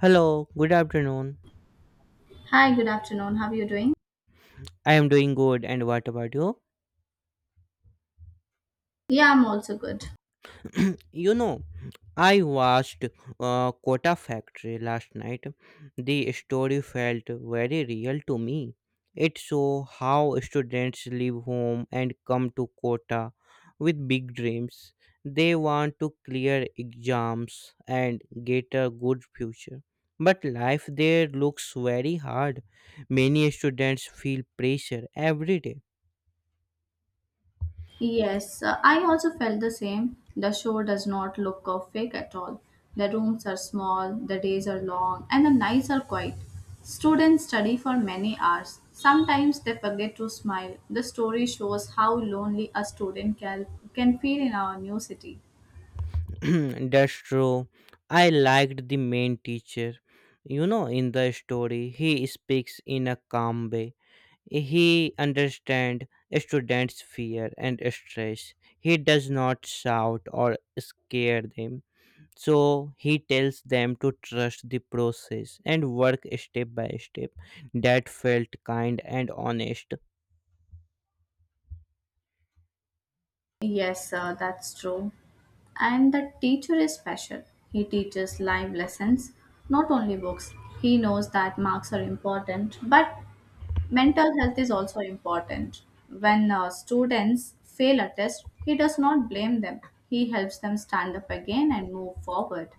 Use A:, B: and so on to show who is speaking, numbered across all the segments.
A: Hello, good afternoon.
B: Hi, good afternoon. How are you doing?
A: I am doing good, and what about you?
B: Yeah, I'm also good.
A: you know, I watched Kota Factory last night. The story felt very real to me. It showed how students leave home and come to Kota with big dreams. They want to clear exams and get a good future. But life there looks very hard. Many students feel pressure every day.
B: Yes, I also felt the same. The show does not look perfect at all. The rooms are small, the days are long, and the nights are quiet. Students study for many hours. Sometimes they forget to smile. The story shows how lonely a student can feel in our new city.
A: That's true. I liked the main teacher. In the story, he speaks in a calm way. He understands students' fear and stress. He does not shout or scare them. So he tells them to trust the process and work step by step. That felt kind and honest.
B: Yes, sir, that's true. And that teacher is special. He teaches live lessons, not only books. He knows that marks are important, but mental health is also important. When students fail a test, he does not blame them. He helps them stand up again and move forward.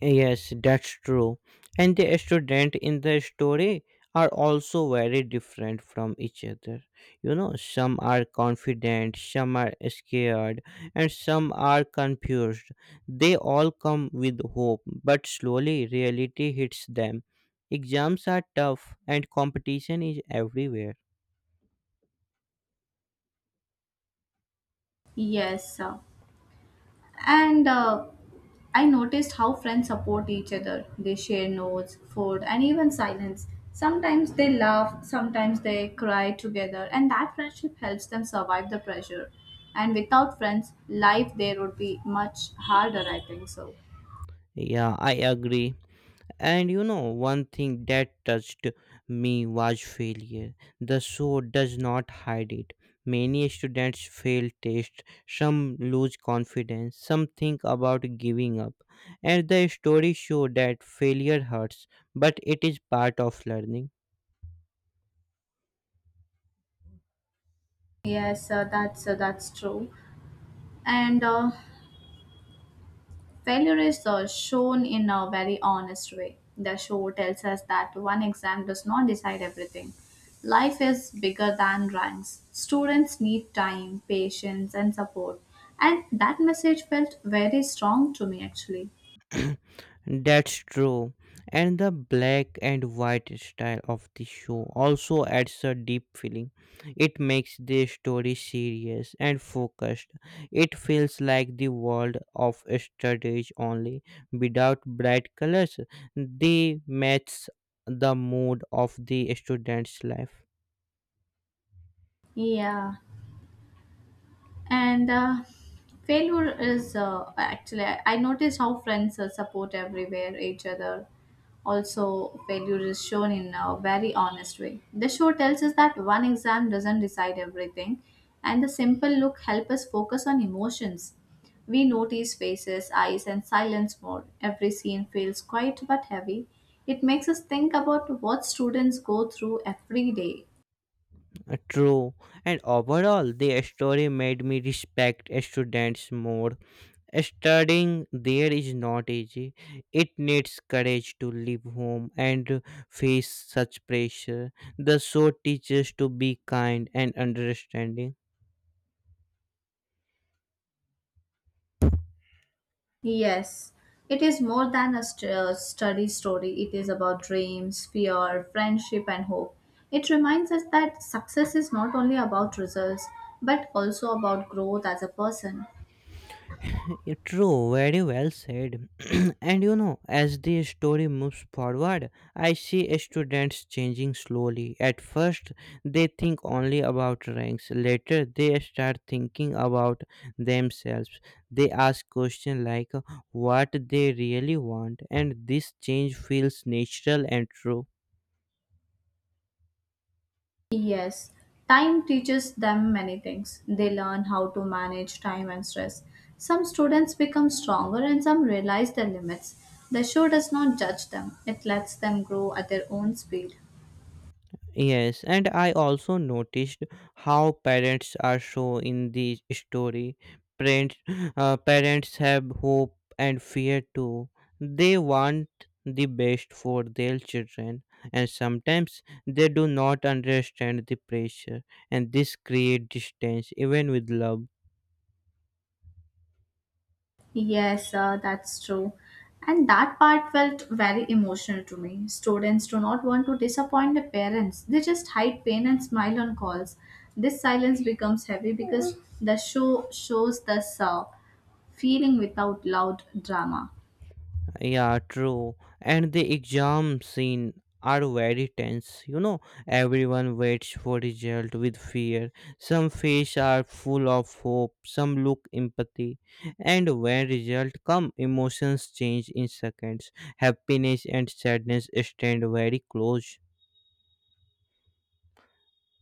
A: Yes, that's true. And the student in the story are also very different from each other. Some are confident, some are scared, and some are confused. They all come with hope, but slowly reality hits them. Exams are tough and competition is everywhere.
B: Yes, sir. And I noticed how friends support each other. They share notes, food, and even silence. Sometimes they laugh, sometimes they cry together, and that friendship helps them survive the pressure. And without friends, life there would be much harder, I think so.
A: Yeah, I agree. And one thing that touched me was failure. The show does not hide it. Many students fail tests, some lose confidence, some think about giving up. And the story show that failure hurts, but it is part of learning.
B: Yes, that's true. And failure is shown in a very honest way. The show tells us that one exam does not decide everything. Life is bigger than ranks. Students need time, patience, and support. And that message felt very strong to me actually.
A: That's true. And the black and white style of the show also adds a deep feeling. It makes the story serious and focused. It feels like the world of strategy only, without bright colors. They match the mood of the student's life.
B: Yeah. And failure is actually, I notice how friends support everywhere each other. Also, failure is shown in a very honest way. The show tells us that one exam doesn't decide everything, and the simple look help us focus on emotions. We notice faces, eyes, and silence more. Every scene feels quiet but heavy. It makes us think about what students go through every day.
A: True. And overall, the story made me respect students more. Studying there is not easy. It needs courage to leave home and face such pressure. The show teaches to be kind and understanding.
B: Yes, it is more than a study story. It is about dreams, fear, friendship, and hope. It reminds us that success is not only about results, but also about growth as a person.
A: True, very well said. And as the story moves forward, I see students changing slowly. At first, they think only about ranks. Later, they start thinking about themselves. They ask questions like what they really want, and this change feels natural and true.
B: Yes, time teaches them many things. They learn how to manage time and stress. Some students become stronger and some realize their limits. The show does not judge them, it lets them grow at their own speed.
A: Yes, and I also noticed how parents are shown in the story. Parents, parents have hope and fear too. They want the best for their children, and sometimes they do not understand the pressure, and this creates distance even with love.
B: Yes, that's true. And that part felt very emotional to me. Students do not want to disappoint their parents. They just hide pain and smile on calls. This silence becomes heavy because the show shows the feeling without loud drama.
A: Yeah, true. And the exam scene are very tense. Everyone waits for result with fear. Some face are full of hope, some look empathy. And when result come, emotions change in seconds. Happiness and sadness stand very close,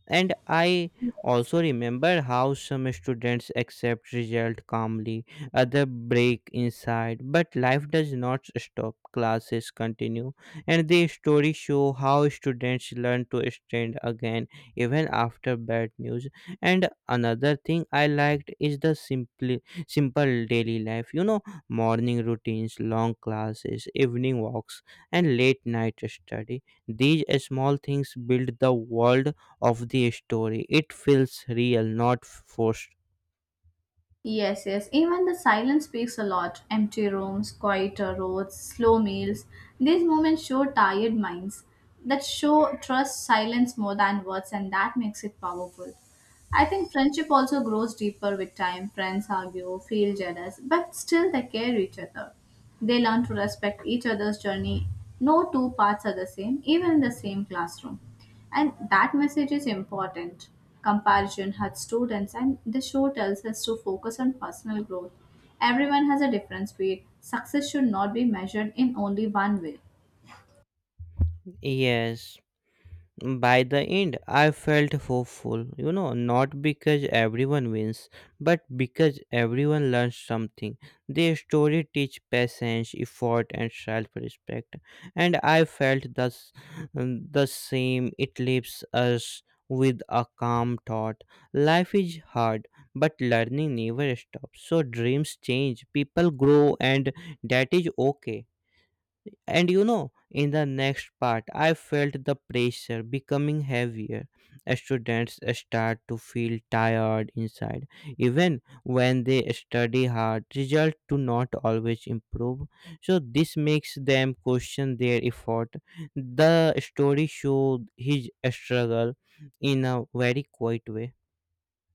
A: and I also remember how some students accept result calmly, other break inside, but life does not stop, classes continue, and the stories show how students learn to stand again even after bad news. And another thing I liked is the simple daily life, morning routines, long classes, evening walks, and late night study. These small things build the world of the story. It feels real, not forced.
B: Yes, yes. Even the silence speaks a lot. Empty rooms, quieter roads, slow meals. These moments show tired minds that show trust silence more than words, and that makes it powerful. I think friendship also grows deeper with time. Friends argue, feel jealous, but still they care each other. They learn to respect each other's journey. No two paths are the same, even in the same classroom. And that message is important. Comparison hurts students, and the show tells us to focus on personal growth. Everyone has a different speed. Success should not be measured in only one way.
A: Yes. By the end, I felt hopeful, not because everyone wins, but because everyone learns something. The story teach patience, effort, and self-respect, and I felt thus the same. It leaves us with a calm thought. Life is hard, but learning never stops. So dreams change, people grow, and that is okay. And in the next part, I felt the pressure becoming heavier. Students start to feel tired inside, even when they study hard. Results do not always improve, so this makes them question their effort. The story showed his struggle in a very quiet way.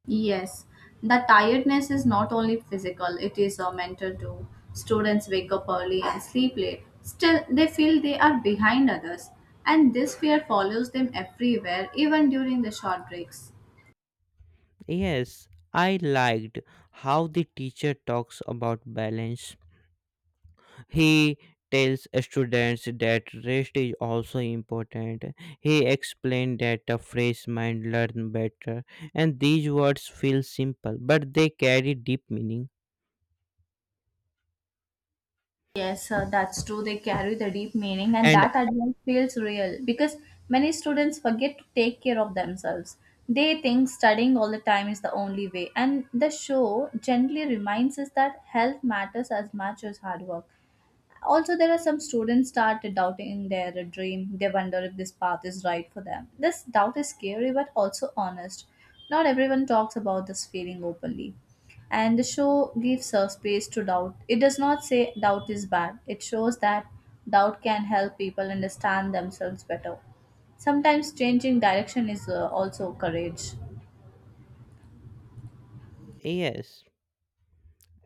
B: Yes, the tiredness is not only physical, it is a mental too. Students wake up early and sleep late. Still, they feel they are behind others, and this fear follows them everywhere, even during the short breaks.
A: Yes, I liked how the teacher talks about balance. He tells students that rest is also important. He explained that a fresh mind learn better, and these words feel simple, but they carry deep meaning.
B: Yes, that's true. They carry the deep meaning, and
A: And
B: that advice feels real because many students forget to take care of themselves. They think studying all the time is the only way, and the show gently reminds us that health matters as much as hard work. Also, there are some students start doubting their dream. They wonder if this path is right for them. This doubt is scary but also honest. Not everyone talks about this feeling openly. And the show gives a space to doubt. It does not say doubt is bad, it shows that doubt can help people understand themselves better. Sometimes changing direction is also courage.
A: yes.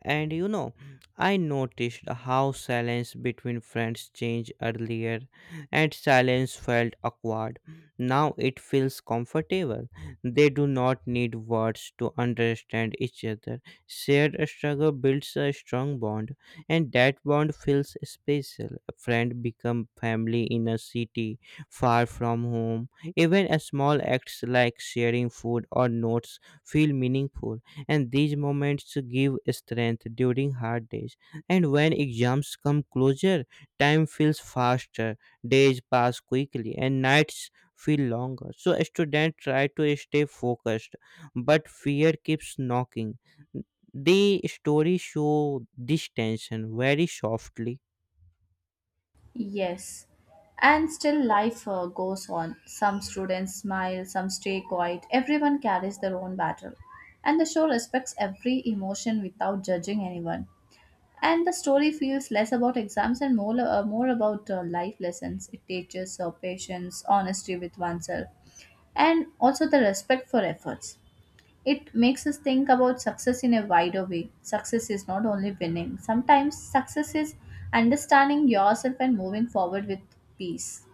A: And you know, I noticed how silence between friends changed earlier, and silence felt awkward. Now it feels comfortable. They do not need words to understand each other. Shared struggle builds a strong bond, and that bond feels special. A friend become family in a city far from home. Even a small acts like sharing food or notes feel meaningful, and these moments give strength during hard days. And when exams come closer, time feels faster, days pass quickly and nights feel longer, so students try to stay focused, but fear keeps knocking. The story show this tension very softly.
B: Yes. And still life goes on. Some students smile, some stay quiet. Everyone carries their own battle. And the show respects every emotion without judging anyone. And the story feels less about exams and more about life lessons. It teaches patience, honesty with oneself, and also the respect for efforts. It makes us think about success in a wider way. Success is not only winning, sometimes success is understanding yourself and moving forward with peace.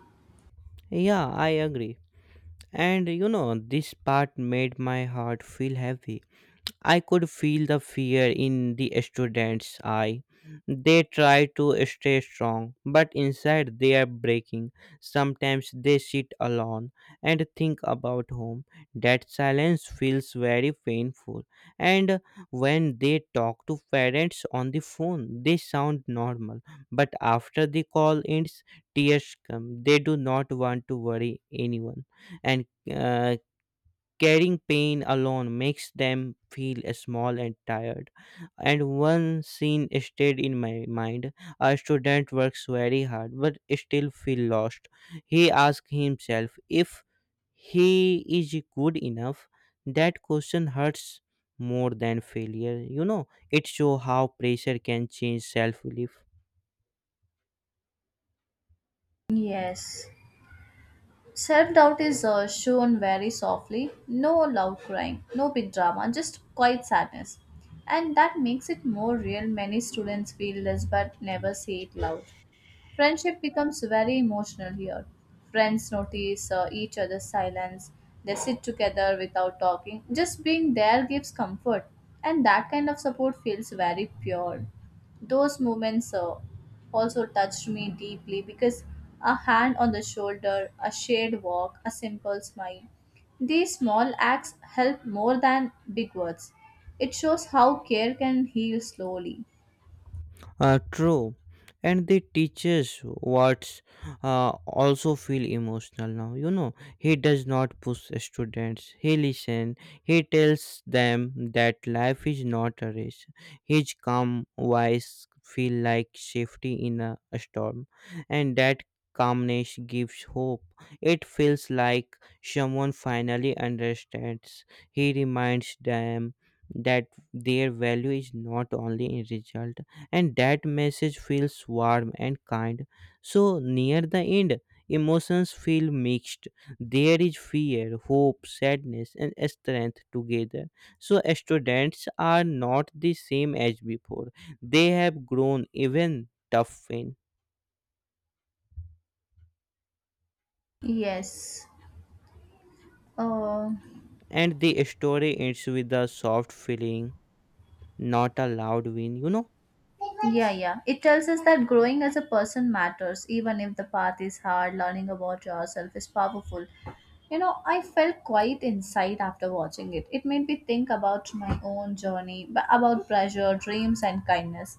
A: Yeah, I agree. And this part made my heart feel heavy. I could feel the fear in the students' eye. They try to stay strong, but inside they are breaking. Sometimes they sit alone and think about home. That silence feels very painful. And when they talk to parents on the phone, they sound normal. But after the call ends, tears come. They do not want to worry anyone and uh, carrying pain alone makes them feel small and tired. And one scene stayed in my mind. A student works very hard but still feel lost. He asks himself if he is good enough. That question hurts more than failure. It shows how pressure can change self belief.
B: Yes. Self doubt is shown very softly, no loud crying, no big drama, just quiet sadness. And that makes it more real. Many students feel this but never say it loud. Friendship becomes very emotional here. Friends notice each other's silence, they sit together without talking. Just being there gives comfort, and that kind of support feels very pure. Those moments also touched me deeply because a hand on the shoulder, a shared walk, a simple smile. These small acts help more than big words. It shows how care can heal slowly.
A: True. And the teaches what's also feel emotional now. He does not push students. He listen. He tells them that life is not a race. His calm voice feel like safety in a storm, and that calmness gives hope. It feels like someone finally understands. He reminds them that their value is not only in result, and that message feels warm and kind. So, near the end, emotions feel mixed. There is fear, hope, sadness, and strength together. So, students are not the same as before. They have grown even tough.
B: Yes. Uh,
A: And the story ends with a soft feeling, not a loud win, you know?
B: Yeah, yeah. It tells us that growing as a person matters, even if the path is hard, learning about yourself is powerful. You know, I felt quite inside after watching it. It made me think about my own journey, about pressure, dreams, and kindness.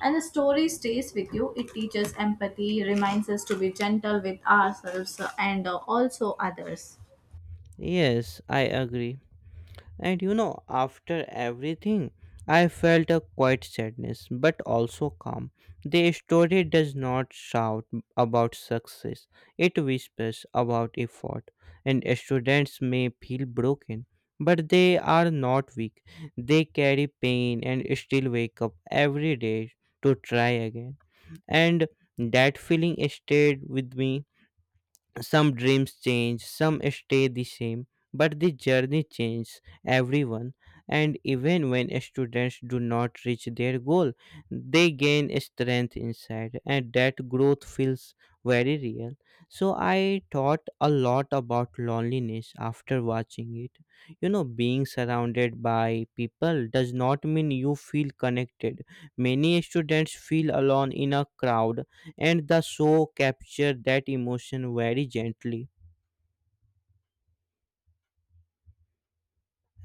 B: And the story stays with you. It teaches empathy, reminds us to be gentle with ourselves and also others.
A: Yes, I agree. And after everything, I felt a quiet sadness, but also calm. The story does not shout about success, it whispers about effort. And students may feel broken, but they are not weak. They carry pain and still wake up every day to try again. And that feeling stayed with me. Some dreams change, some stay the same, but the journey changes everyone. And even when students do not reach their goal, they gain strength inside, and that growth feels very real. So, I thought a lot about loneliness after watching it. Being surrounded by people does not mean you feel connected. Many students feel alone in a crowd, and the show captured that emotion very gently.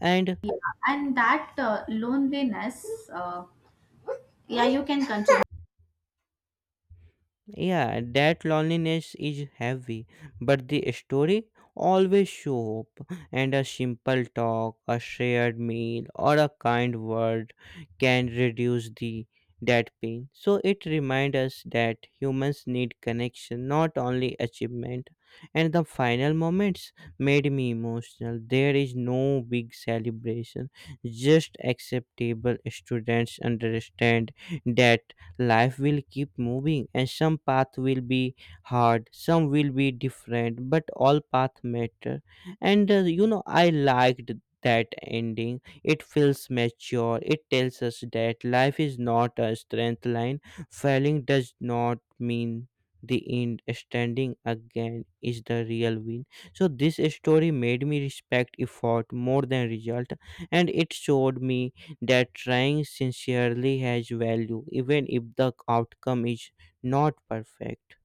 A: And
B: And that loneliness, uh, yeah, you can continue.
A: yeah, that loneliness is heavy, but the story always show hope, and a simple talk, a shared meal, or a kind word can reduce the that pain. So it reminds us that humans need connection, not only achievement. And the final moments made me emotional. There is no big celebration, just acceptable students understand that life will keep moving, and some path will be hard, some will be different, but all path matter. And I liked that ending. It feels mature. It tells us that life is not a strength line. Failing does not mean the end. Standing again is the real win. So this story made me respect effort more than result, and it showed me that trying sincerely has value even if the outcome is not perfect.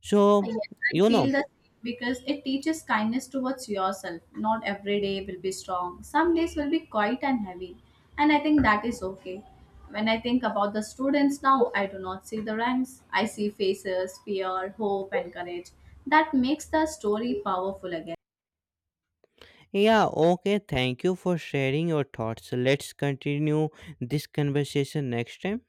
A: So,
B: Yes, I
A: you know
B: feel the same because it teaches kindness towards yourself. Not every day will be strong. Some days will be quiet and heavy. And I think that is okay. When I think about the students now, I do not see the ranks. I see faces, fear, hope, and courage. That makes the story powerful again.
A: yeah, okay, thank you for sharing your thoughts. Let's continue this conversation next time.